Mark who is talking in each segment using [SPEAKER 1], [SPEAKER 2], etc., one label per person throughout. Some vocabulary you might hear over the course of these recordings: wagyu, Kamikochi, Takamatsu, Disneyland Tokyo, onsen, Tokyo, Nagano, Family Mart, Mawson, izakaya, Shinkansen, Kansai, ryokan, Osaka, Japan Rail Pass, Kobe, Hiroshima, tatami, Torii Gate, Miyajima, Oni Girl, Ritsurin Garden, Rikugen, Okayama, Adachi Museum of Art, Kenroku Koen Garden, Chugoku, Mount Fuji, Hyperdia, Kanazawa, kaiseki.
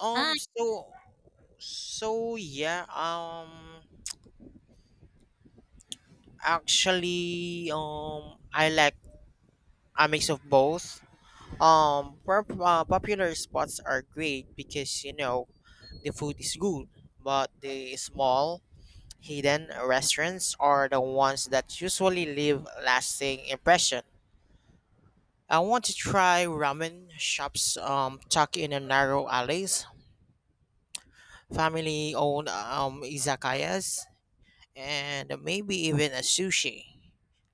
[SPEAKER 1] And
[SPEAKER 2] So so yeah, actually I like a mix of both. Popular spots are great because the food is good, but the small hidden restaurants are the ones that usually leave lasting impression. I want to try ramen shops tucked in a narrow alleys, family owned izakayas and maybe even a sushi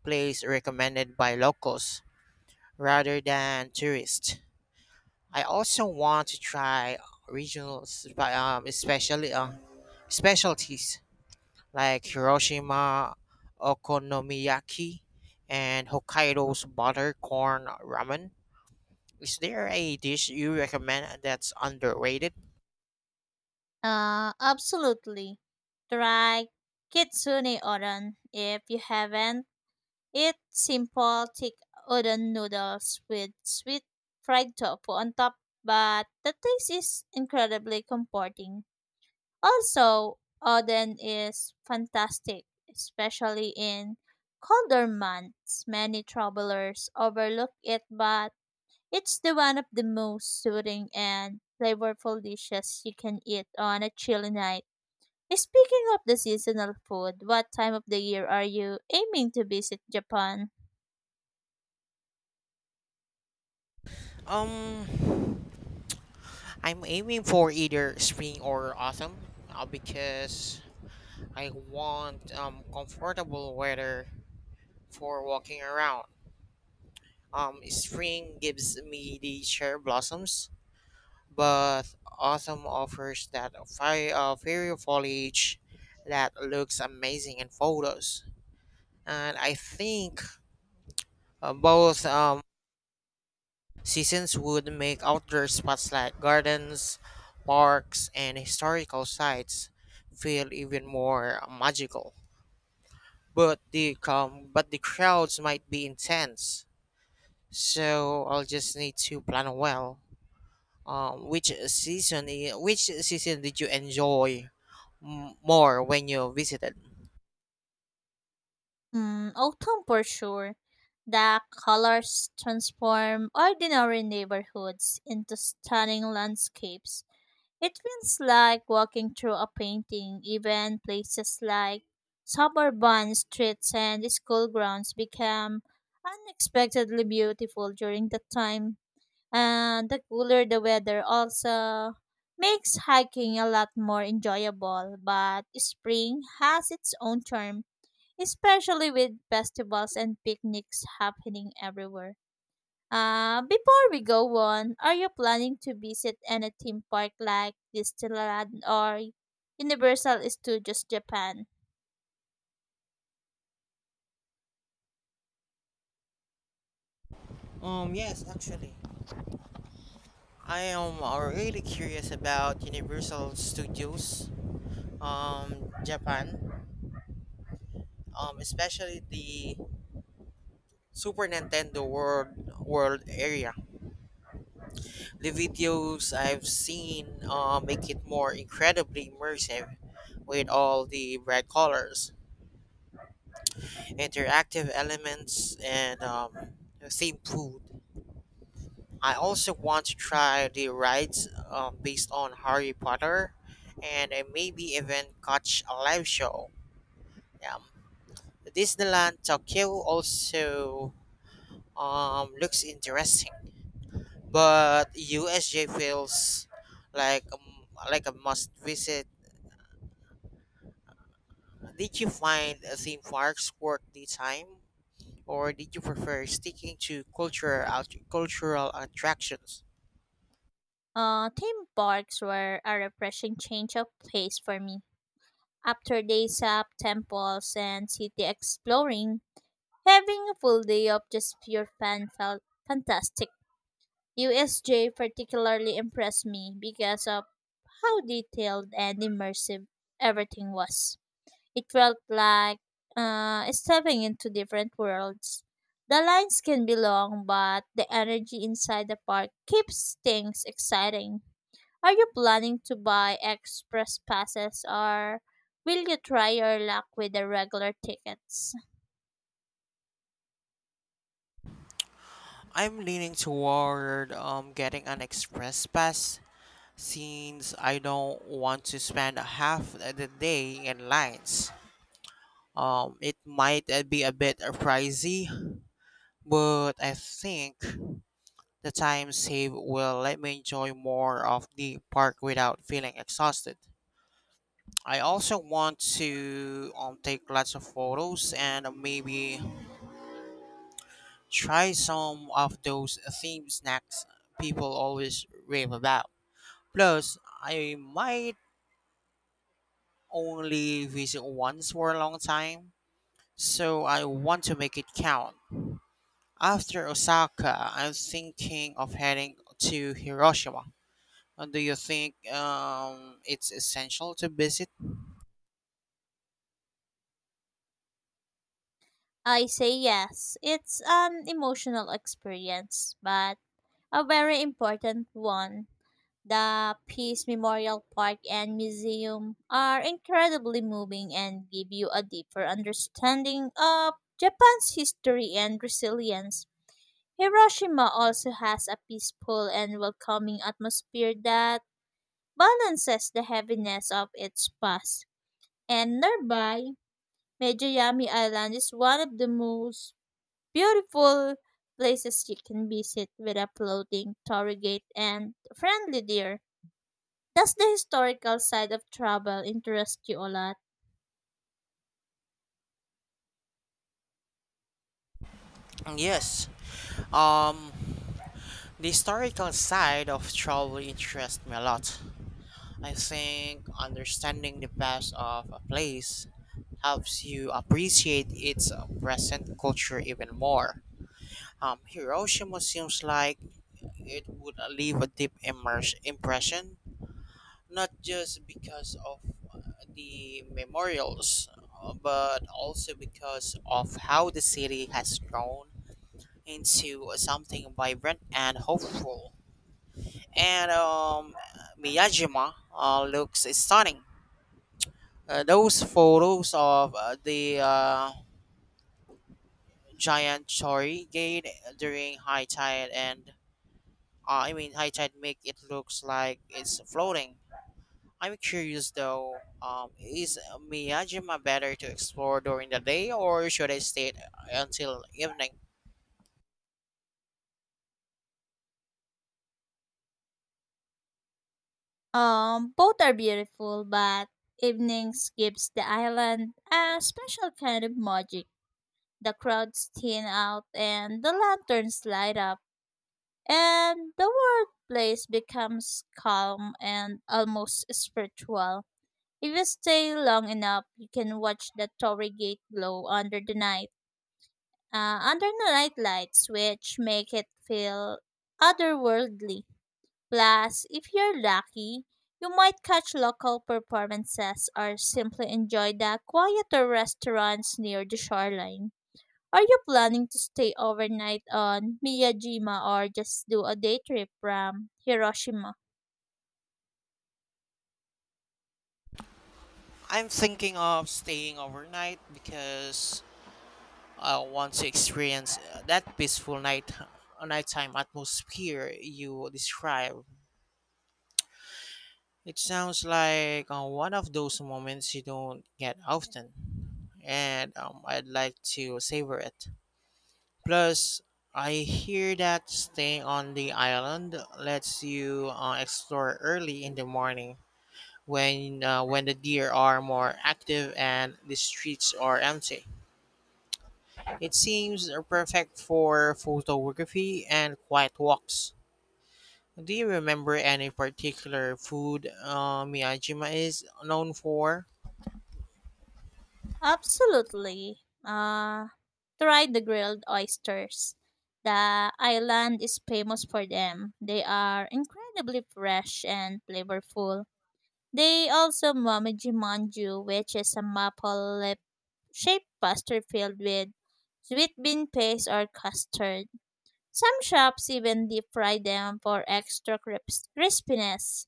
[SPEAKER 2] place recommended by locals rather than tourists. I also want to try regional, especially specialties like Hiroshima okonomiyaki and Hokkaido's butter corn ramen. Is there a dish you recommend that's underrated?
[SPEAKER 1] absolutely. Try kitsune udon if you haven't. Eat simple thick udon noodles with sweet fried tofu on top, but the taste is incredibly comforting. Also, udon is fantastic, especially in colder months. Many travelers overlook it, but it's the one of the most soothing and flavorful dishes you can eat on a chilly night. Speaking of the seasonal food, what time of the year are you aiming to visit Japan?
[SPEAKER 2] Um, I'm aiming for either spring or autumn because I want comfortable weather for walking around. Spring gives me the cherry blossoms, but autumn offers that fairy foliage that looks amazing in photos. And I think both seasons would make outdoor spots like gardens, parks, and historical sites feel even more magical. But the crowds might be intense, so I'll just need to plan well. Which season? Which season did you enjoy more when you visited?
[SPEAKER 1] Mm, autumn for sure. The colors transform ordinary neighborhoods into stunning landscapes. It feels like walking through a painting, even places like suburban streets and school grounds become unexpectedly beautiful during the time. And the cooler the weather also makes hiking a lot more enjoyable, but spring has its own charm, especially with festivals and picnics happening everywhere. Before we go on, are you planning to visit any theme park like Disneyland or Universal Studios Japan?
[SPEAKER 2] Yes, actually, I am really curious about Universal Studios, Japan, especially the Super Nintendo World area. The videos I've seen make it more incredibly immersive, with all the bright colors, interactive elements, and theme food. I also want to try the rides based on Harry Potter and I maybe even catch a live show. Yeah. Disneyland Tokyo also looks interesting, but USJ feels like um, like a must visit. Did you find theme parks worth the time, or did you prefer sticking to cultural attractions?
[SPEAKER 1] Theme parks were a refreshing change of pace for me. After days of temples and city exploring, having a full day of just pure fun felt fantastic. USJ particularly impressed me because of how detailed and immersive everything was. It felt like stepping into different worlds. The lines can be long, but the energy inside the park keeps things exciting. Are you planning to buy express passes or will you try your luck with the regular tickets?
[SPEAKER 2] I'm leaning toward getting an express pass since I don't want to spend half the day in lines. It might be a bit pricey, but I think the time saved will let me enjoy more of the park without feeling exhausted. I also want to take lots of photos and maybe try some of those themed snacks people always rave about. Plus, I might only visit once for a long time, so I want to make it count. After Osaka, I'm thinking of heading to Hiroshima. Do you think it's essential to visit?
[SPEAKER 1] I say yes. It's an emotional experience, but a very important one. The Peace Memorial Park and Museum are incredibly moving and give you a deeper understanding of Japan's history and resilience. Hiroshima also has a peaceful and welcoming atmosphere that balances the heaviness of its past. And nearby, Meijayami Island is one of the most beautiful places you can visit without floating Torrigate and Friendly Deer. Does the historical side of travel interest you a lot?
[SPEAKER 2] Yes. Um, the historical side of travel interests me a lot. I think understanding the past of a place helps you appreciate its present culture even more. Hiroshima seems like it would leave a deep immerse impression not just because of the memorials, but also because of how the city has grown into something vibrant and hopeful. And Miyajima looks stunning. Those photos of the giant Chori gate during high tide and I mean high tide make it looks like it's floating. I'm curious though, is Miyajima better to explore during the day or should I stay until evening?
[SPEAKER 1] Both are beautiful, but evenings gives the island a special kind of magic. The crowds thin out and the lanterns light up, and the world place becomes calm and almost spiritual. If you stay long enough, you can watch the Torii Gate glow under the night lights, which make it feel otherworldly. Plus, if you're lucky, you might catch local performances or simply enjoy the quieter restaurants near the shoreline. Are you planning to stay overnight on Miyajima or just do a day trip from Hiroshima?
[SPEAKER 2] I'm thinking of staying overnight because I want to experience that peaceful nighttime atmosphere you describe. It sounds like one of those moments you don't get often, and I'd like to savor it. Plus, I hear that staying on the island lets you explore early in the morning when the deer are more active and the streets are empty. It seems perfect for photography and quiet walks. Do you remember any particular food Miyajima is known for?
[SPEAKER 1] Absolutely. Try the grilled oysters. The island is famous for them. They are incredibly fresh and flavorful. They also momiji manju, which is a maple lip shaped pastry filled with sweet bean paste or custard. Some shops even deep fry them for extra crispiness.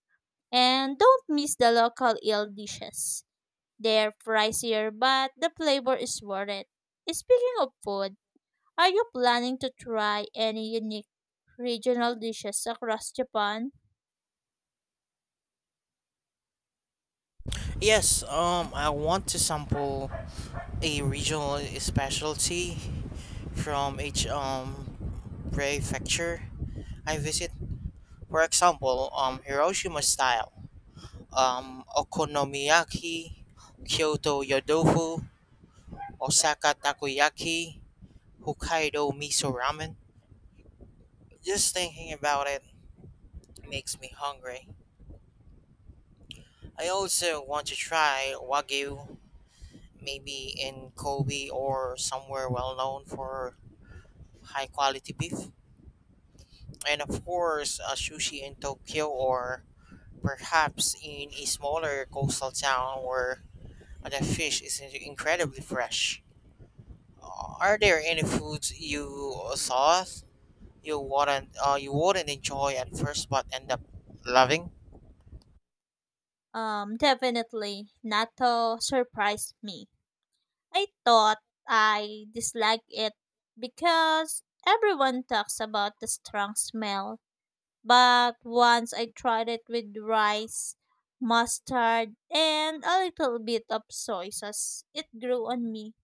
[SPEAKER 1] And don't miss the local eel dishes. They're pricier, but the flavor is worth it. Speaking of food, are you planning to try any unique regional dishes across Japan?
[SPEAKER 2] Yes, I want to sample a regional specialty from each prefecture I visit. For example, Hiroshima style, okonomiyaki, Kyoto yodofu, Osaka takoyaki, Hokkaido miso ramen. Just thinking about it makes me hungry. I also want to try wagyu, maybe in Kobe or somewhere well known for high quality beef. And of course, sushi in Tokyo or perhaps in a smaller coastal town where the fish is incredibly fresh. Are there any foods you thought you wouldn't enjoy at first but end up loving?
[SPEAKER 1] Definitely. Natto surprised me. I thought I disliked it because everyone talks about the strong smell. But once I tried it with rice, mustard, and a little bit of soy sauce, it grew on me.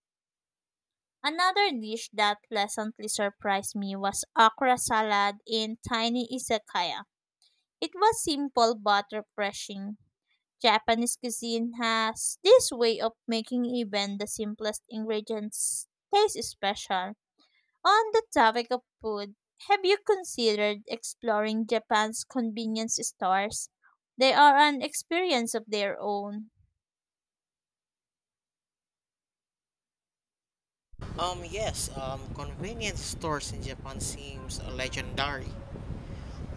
[SPEAKER 1] Another dish that pleasantly surprised me was okra salad in tiny izakaya. It was simple but refreshing. Japanese cuisine has this way of making even the simplest ingredients taste special. On the topic of food, have you considered exploring Japan's convenience stores? They are an experience of their own.
[SPEAKER 2] Yes, convenience stores in Japan seems legendary.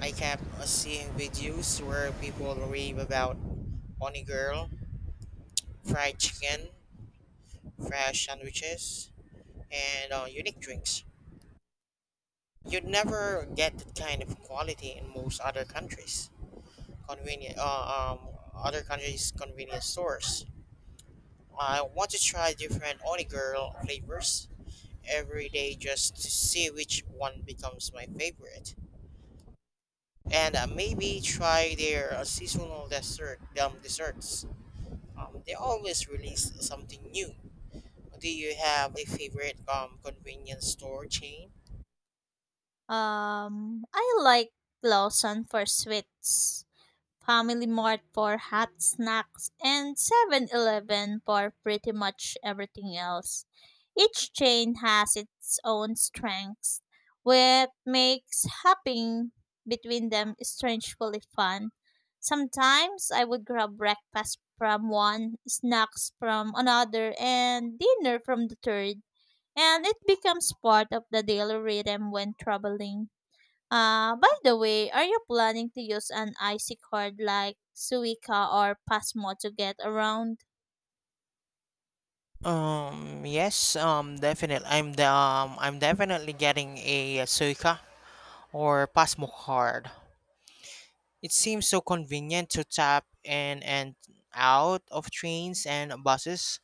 [SPEAKER 2] I kept seeing videos where people rave about honey girl, fried chicken, fresh sandwiches, and unique drinks. You'd never get that kind of quality in most other countries. Convenient, uh, um, Other countries' convenience stores. I want to try different Oni Girl flavors every day just to see which one becomes my favorite. And maybe try their seasonal desserts. They always release something new. Do you have a favorite convenience store chain?
[SPEAKER 1] I like Lawson for sweets. Family Mart for hot snacks, and 7-Eleven for pretty much everything else. Each chain has its own strengths, which makes hopping between them strangely fun. Sometimes I would grab breakfast from one, snacks from another, and dinner from the third, and it becomes part of the daily rhythm when traveling. By the way, are you planning to use an IC card like Suica or Pasmo to get around?
[SPEAKER 2] Yes, definitely. I'm definitely getting a Suica or Pasmo card. It seems so convenient to tap in and out of trains and buses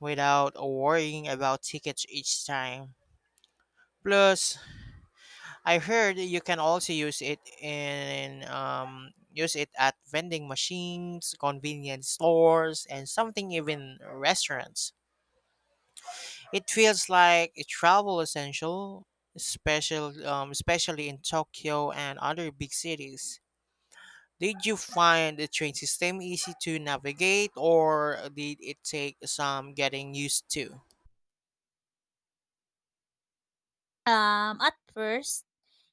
[SPEAKER 2] without worrying about tickets each time. Plus, I heard you can also use it in use it at vending machines, convenience stores, and something even restaurants. It feels like a travel essential, especially in Tokyo and other big cities. Did you find the train system easy to navigate, or did it take some getting used to?
[SPEAKER 1] At first,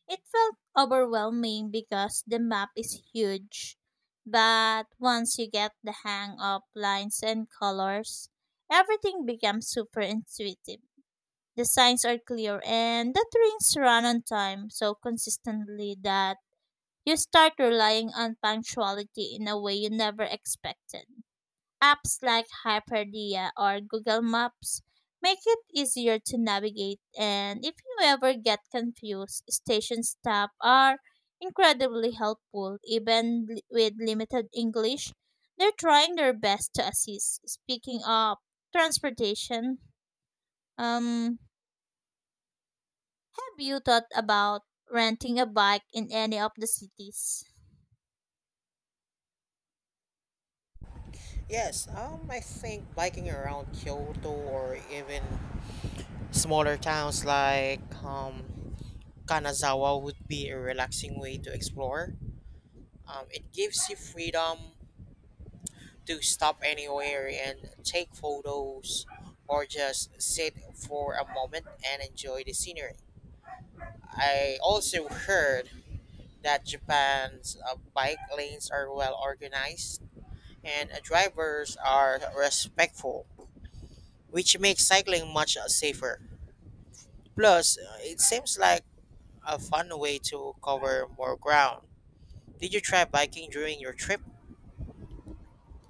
[SPEAKER 1] it felt overwhelming because the map is huge. But once you get the hang of lines and colors, everything becomes super intuitive. The signs are clear and the trains run on time so consistently that you start relying on punctuality in a way you never expected. Apps like Hyperdia or Google Maps make it easier to navigate, and if you ever get confused, station staff are incredibly helpful. Even with limited English, they're trying their best to assist. Speaking of transportation, um, have you thought about renting a bike in any of the cities?
[SPEAKER 2] Yes, I think biking around Kyoto or even smaller towns like Kanazawa would be a relaxing way to explore. It gives you freedom to stop anywhere and take photos or just sit for a moment and enjoy the scenery. I also heard that Japan's bike lanes are well organized and drivers are respectful, which makes cycling much safer. Plus, it seems like a fun way to cover more ground. Did you try biking during your trip?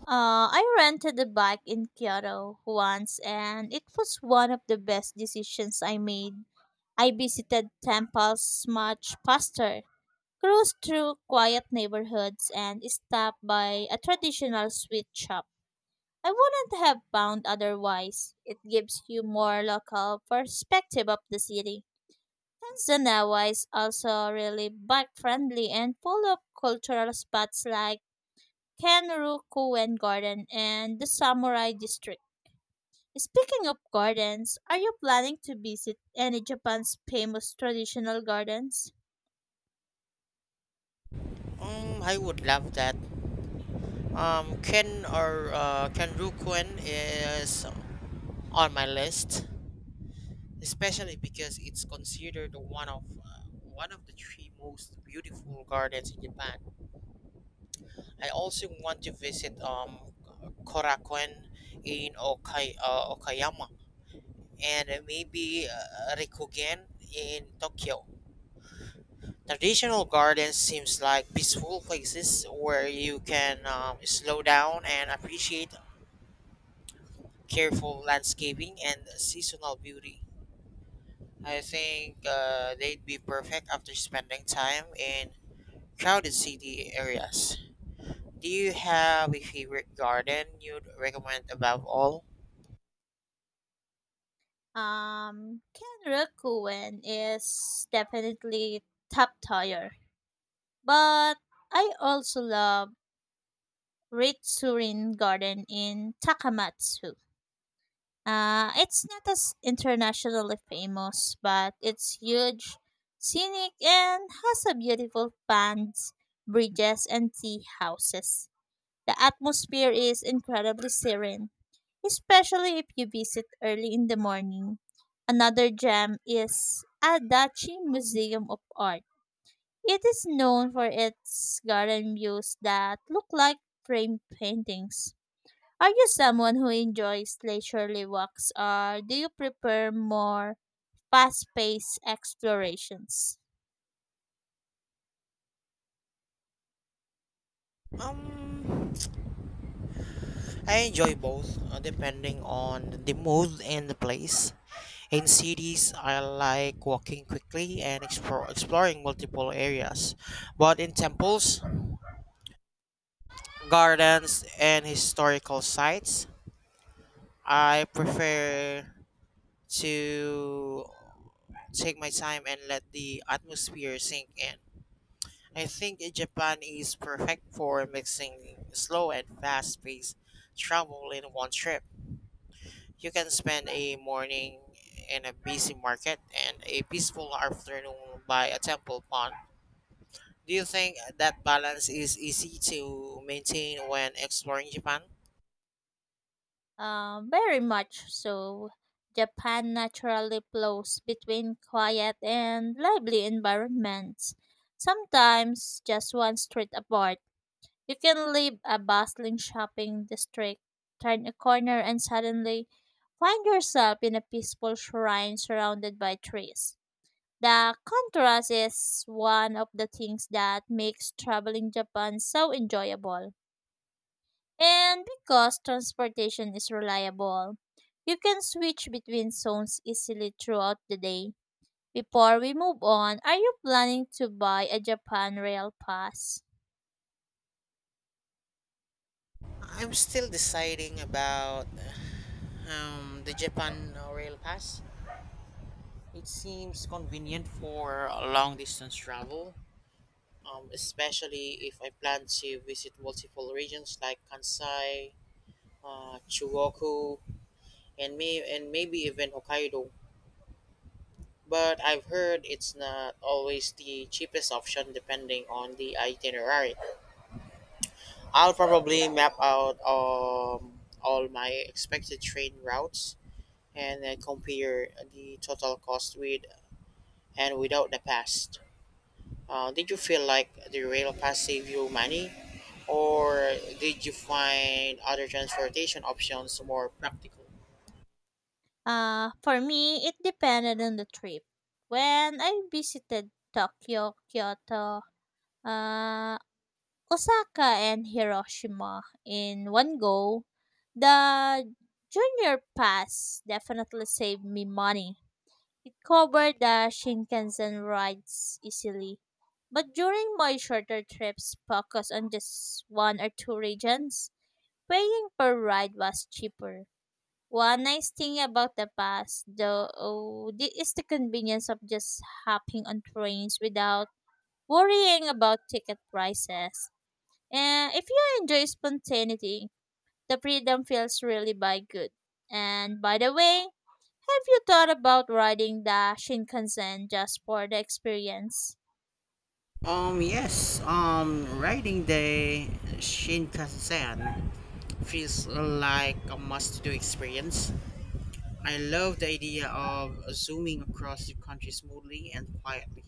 [SPEAKER 1] I rented a bike in Kyoto once and it was one of the best decisions I made. I visited temples much faster, cruised through quiet neighborhoods, and stopped by a traditional sweet shop. I wouldn't have found otherwise. It gives you more local perspective of the city. Tanzania is also really bike friendly and full of cultural spots like Kenroku Koen Garden and the Samurai District. Speaking of gardens, are you planning to visit any Japan's famous traditional gardens?
[SPEAKER 2] Mm, I would love that. Kenrukuen is on my list, especially because it's considered one of the three most beautiful gardens in Japan. I also want to visit Korakuen in Okayama and maybe Rikugen in Tokyo. Traditional gardens seems like peaceful places where you can slow down and appreciate careful landscaping, and seasonal beauty. I think they'd be perfect after spending time in crowded city areas. Do you have a favorite garden you'd recommend above all?
[SPEAKER 1] Kenroku is definitely top tier, but I also love Ritsurin Garden in Takamatsu. It's not as internationally famous, but it's huge, scenic, and has a beautiful ponds, bridges, and tea houses. The atmosphere is incredibly serene, especially if you visit early in the morning. Another gem is Adachi Museum of Art. It is known for its garden views that look like framed paintings. Are you someone who enjoys leisurely walks or do you prefer more fast-paced explorations?
[SPEAKER 2] Um, I enjoy both, depending on the mood and the place. In cities, I like walking quickly and exploring multiple areas. But in temples, gardens, and historical sites, I prefer to take my time and let the atmosphere sink in. I think Japan is perfect for mixing slow and fast paced travel in one trip. You can spend a morning in a busy market and a peaceful afternoon by a temple pond. Do you think that balance is easy to maintain when exploring Japan?
[SPEAKER 1] Very much so. Japan naturally flows between quiet and lively environments. Sometimes just one street apart. You can leave a bustling shopping district, turn a corner and suddenly find yourself in a peaceful shrine surrounded by trees. The contrast is one of the things that makes traveling Japan so enjoyable. And because transportation is reliable, you can switch between zones easily throughout the day. Before we move on, are you planning to buy a Japan Rail Pass?
[SPEAKER 2] I'm still deciding about the Japan Rail Pass. It seems convenient for long distance travel, especially if I plan to visit multiple regions like Kansai, Chugoku, and maybe even Hokkaido. But I've heard it's not always the cheapest option depending on the itinerary. I'll probably map out all my expected train routes and then compare the total cost with and without the pass. Did you feel like the rail pass saved you money, or did you find other transportation options more practical?
[SPEAKER 1] For me, it depended on the trip. When I visited Tokyo, Kyoto, uh, Osaka and Hiroshima in one go, the junior pass definitely saved me money. It covered the Shinkansen rides easily. But during my shorter trips focused on just one or two regions, paying per ride was cheaper. One nice thing about the pass, though, oh, is the convenience of just hopping on trains without worrying about ticket prices. And if you enjoy spontaneity, the freedom feels really by good. And by the way, have you thought about riding the Shinkansen just for the experience?
[SPEAKER 2] Yes, riding the Shinkansen feels like a must do experience. I love the idea of zooming across the country smoothly and quietly,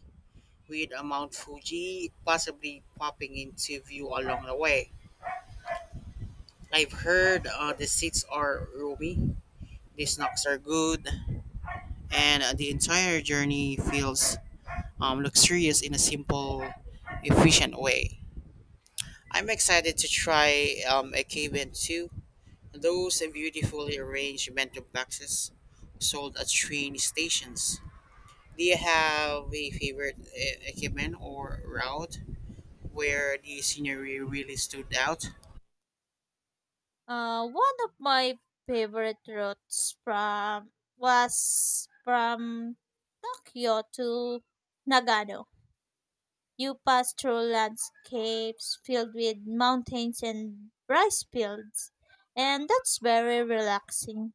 [SPEAKER 2] with a Mount Fuji possibly popping into view along the way. I've heard the seats are roomy, the snacks are good, and the entire journey feels luxurious in a simple, efficient way. I'm excited to try a cabin too. Those beautifully arranged bento boxes sold at train stations. Do you have a favorite equipment or route where the scenery really stood out?
[SPEAKER 1] One of my favorite routes from was from Tokyo to Nagano. You pass through landscapes filled with mountains and rice fields, and that's very relaxing.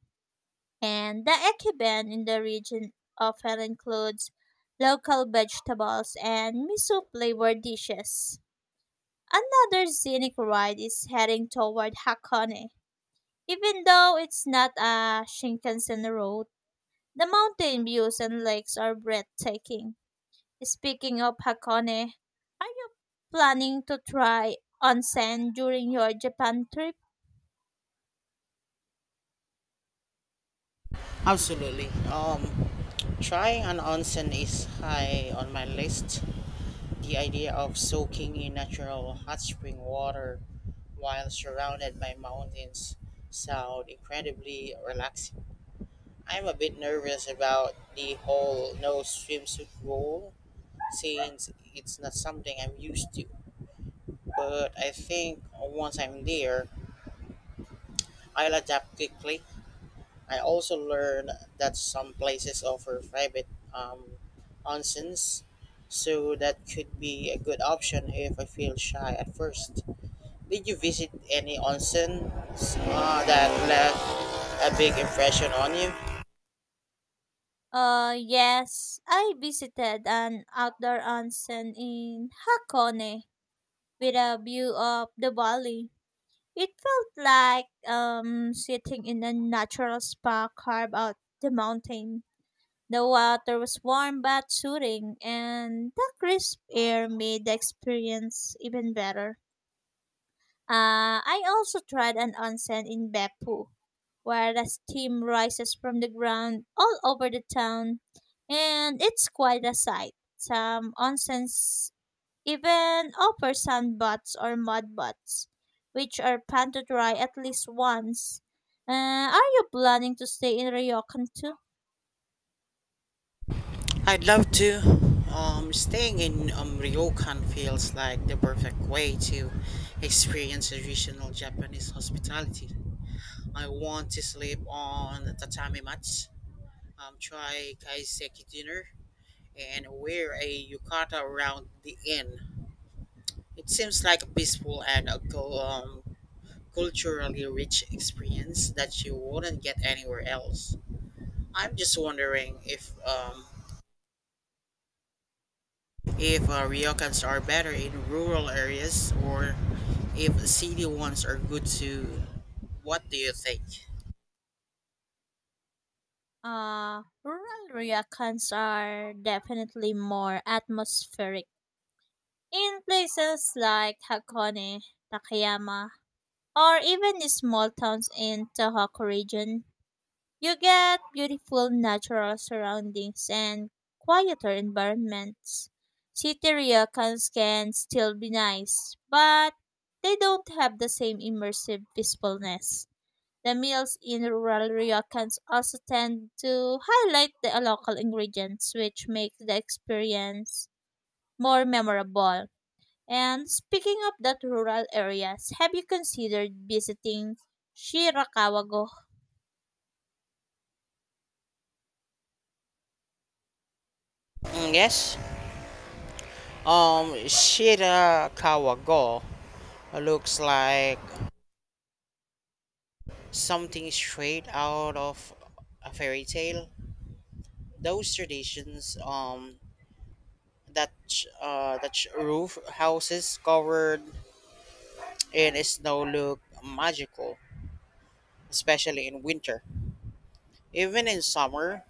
[SPEAKER 1] And the ekiben in the region often includes local vegetables and miso flavored dishes. Another scenic ride is heading toward Hakone. Even though it's not a Shinkansen road, the mountain views and lakes are breathtaking. Speaking of Hakone, are you planning to try onsen during your Japan trip?
[SPEAKER 2] Absolutely. Trying an onsen is high on my list. The idea of soaking in natural hot spring water while surrounded by mountains sound incredibly relaxing. I'm a bit nervous about the whole no swimsuit rule since it's not something I'm used to. But I think once I'm there, I'll adapt quickly. I also learned that some places offer private um, onsens, so that could be a good option if I feel shy at first. Did you visit any onsen that left a big impression on you?
[SPEAKER 1] Yes, I visited an outdoor onsen in Hakone with a view of the valley. It felt like sitting in a natural spa carved out the mountain. The water was warm but soothing, and the crisp air made the experience even better. I also tried an onsen in Beppu, where the steam rises from the ground all over the town, and it's quite a sight. Some onsens even offer sand baths or mud baths, which are planned to dry at least once. Are you planning to stay in Ryokan too?
[SPEAKER 2] I'd love to. Staying in Ryokan feels like the perfect way to experience traditional Japanese hospitality. I want to sleep on tatami mats, try kaiseki dinner, and wear a yukata around the inn. It seems like a peaceful and a culturally rich experience that you wouldn't get anywhere else. I'm just wondering if ryokans are better in rural areas or if city ones are good too. What do you think?
[SPEAKER 1] Rural ryokans are definitely more atmospheric. In places like Hakone, Takayama, or even the small towns in Tahok region, you get beautiful natural surroundings and quieter environments. City ryokans can still be nice, but they don't have the same immersive peacefulness. The meals in rural ryokans also tend to highlight the local ingredients, which makes the experience more memorable. And speaking of that rural areas, have you considered visiting Shirakawago?
[SPEAKER 2] Mm, yes. Shirakawa Go looks like something straight out of a fairy tale. Those traditions, that that roof houses covered in snow look magical, especially in winter. Even in summer,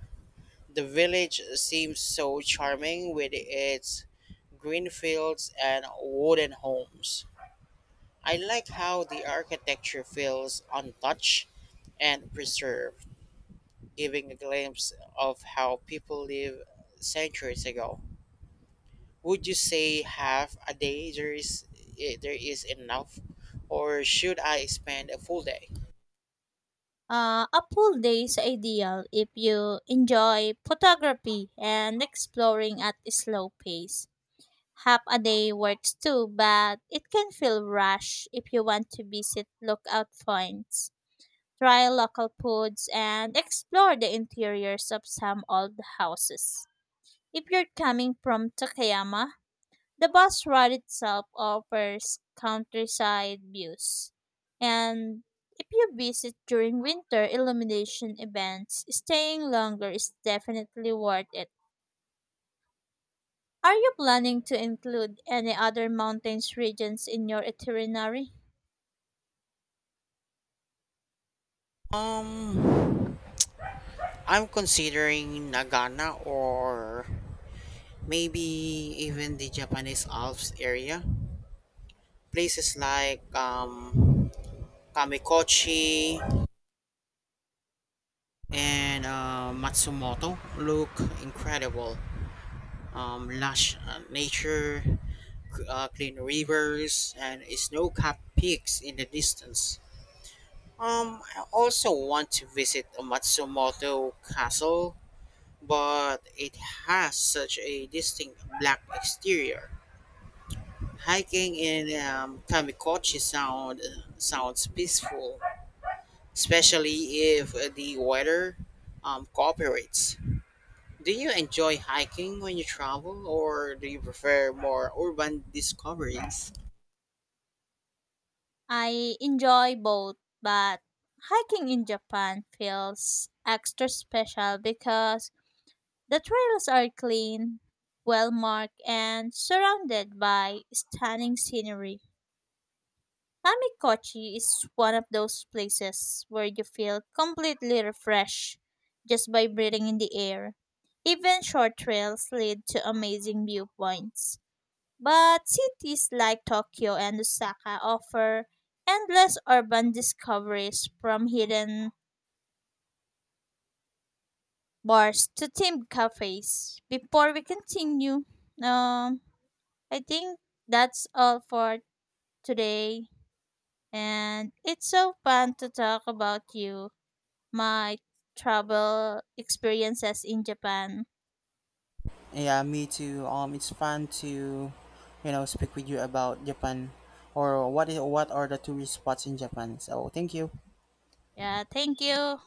[SPEAKER 2] the village seems so charming with its green fields and wooden homes. I like how the architecture feels untouched and preserved, giving a glimpse of how people lived centuries ago. Would you say half a day there is enough, or should I spend a full day?
[SPEAKER 1] A full day is ideal if you enjoy photography and exploring at a slow pace. Half a day works too, but it can feel rushed if you want to visit lookout points, try local foods, and explore the interiors of some old houses. If you're coming from Takayama, the bus ride itself offers countryside views. And if you visit during winter illumination events, staying longer is definitely worth it. Are you planning to include any other mountains regions in your itinerary?
[SPEAKER 2] Um, I'm considering Nagana or maybe even the Japanese Alps area. Places like Kamikochi and Matsumoto look incredible. Lush nature, clean rivers, and snow capped peaks in the distance. I also want to visit Matsumoto Castle, but it has such a distinct black exterior. Hiking in Tamikochi sounds peaceful, especially if the weather cooperates. Do you enjoy hiking when you travel, or do you prefer more urban discoveries?
[SPEAKER 1] I enjoy both, but hiking in Japan feels extra special because the trails are clean, well marked, and surrounded by stunning scenery. Tamikochi is one of those places where you feel completely refreshed just by breathing in the air. Even short trails lead to amazing viewpoints. But cities like Tokyo and Osaka offer endless urban discoveries from hidden bars to themed cafes. Before we continue, um, I think that's all for today. And it's so fun to talk about you. My travel experiences in Japan.
[SPEAKER 2] Yeah, me too. It's fun to speak with you about Japan, or what is what are the tourist spots in Japan. So thank you.
[SPEAKER 1] Yeah, thank you.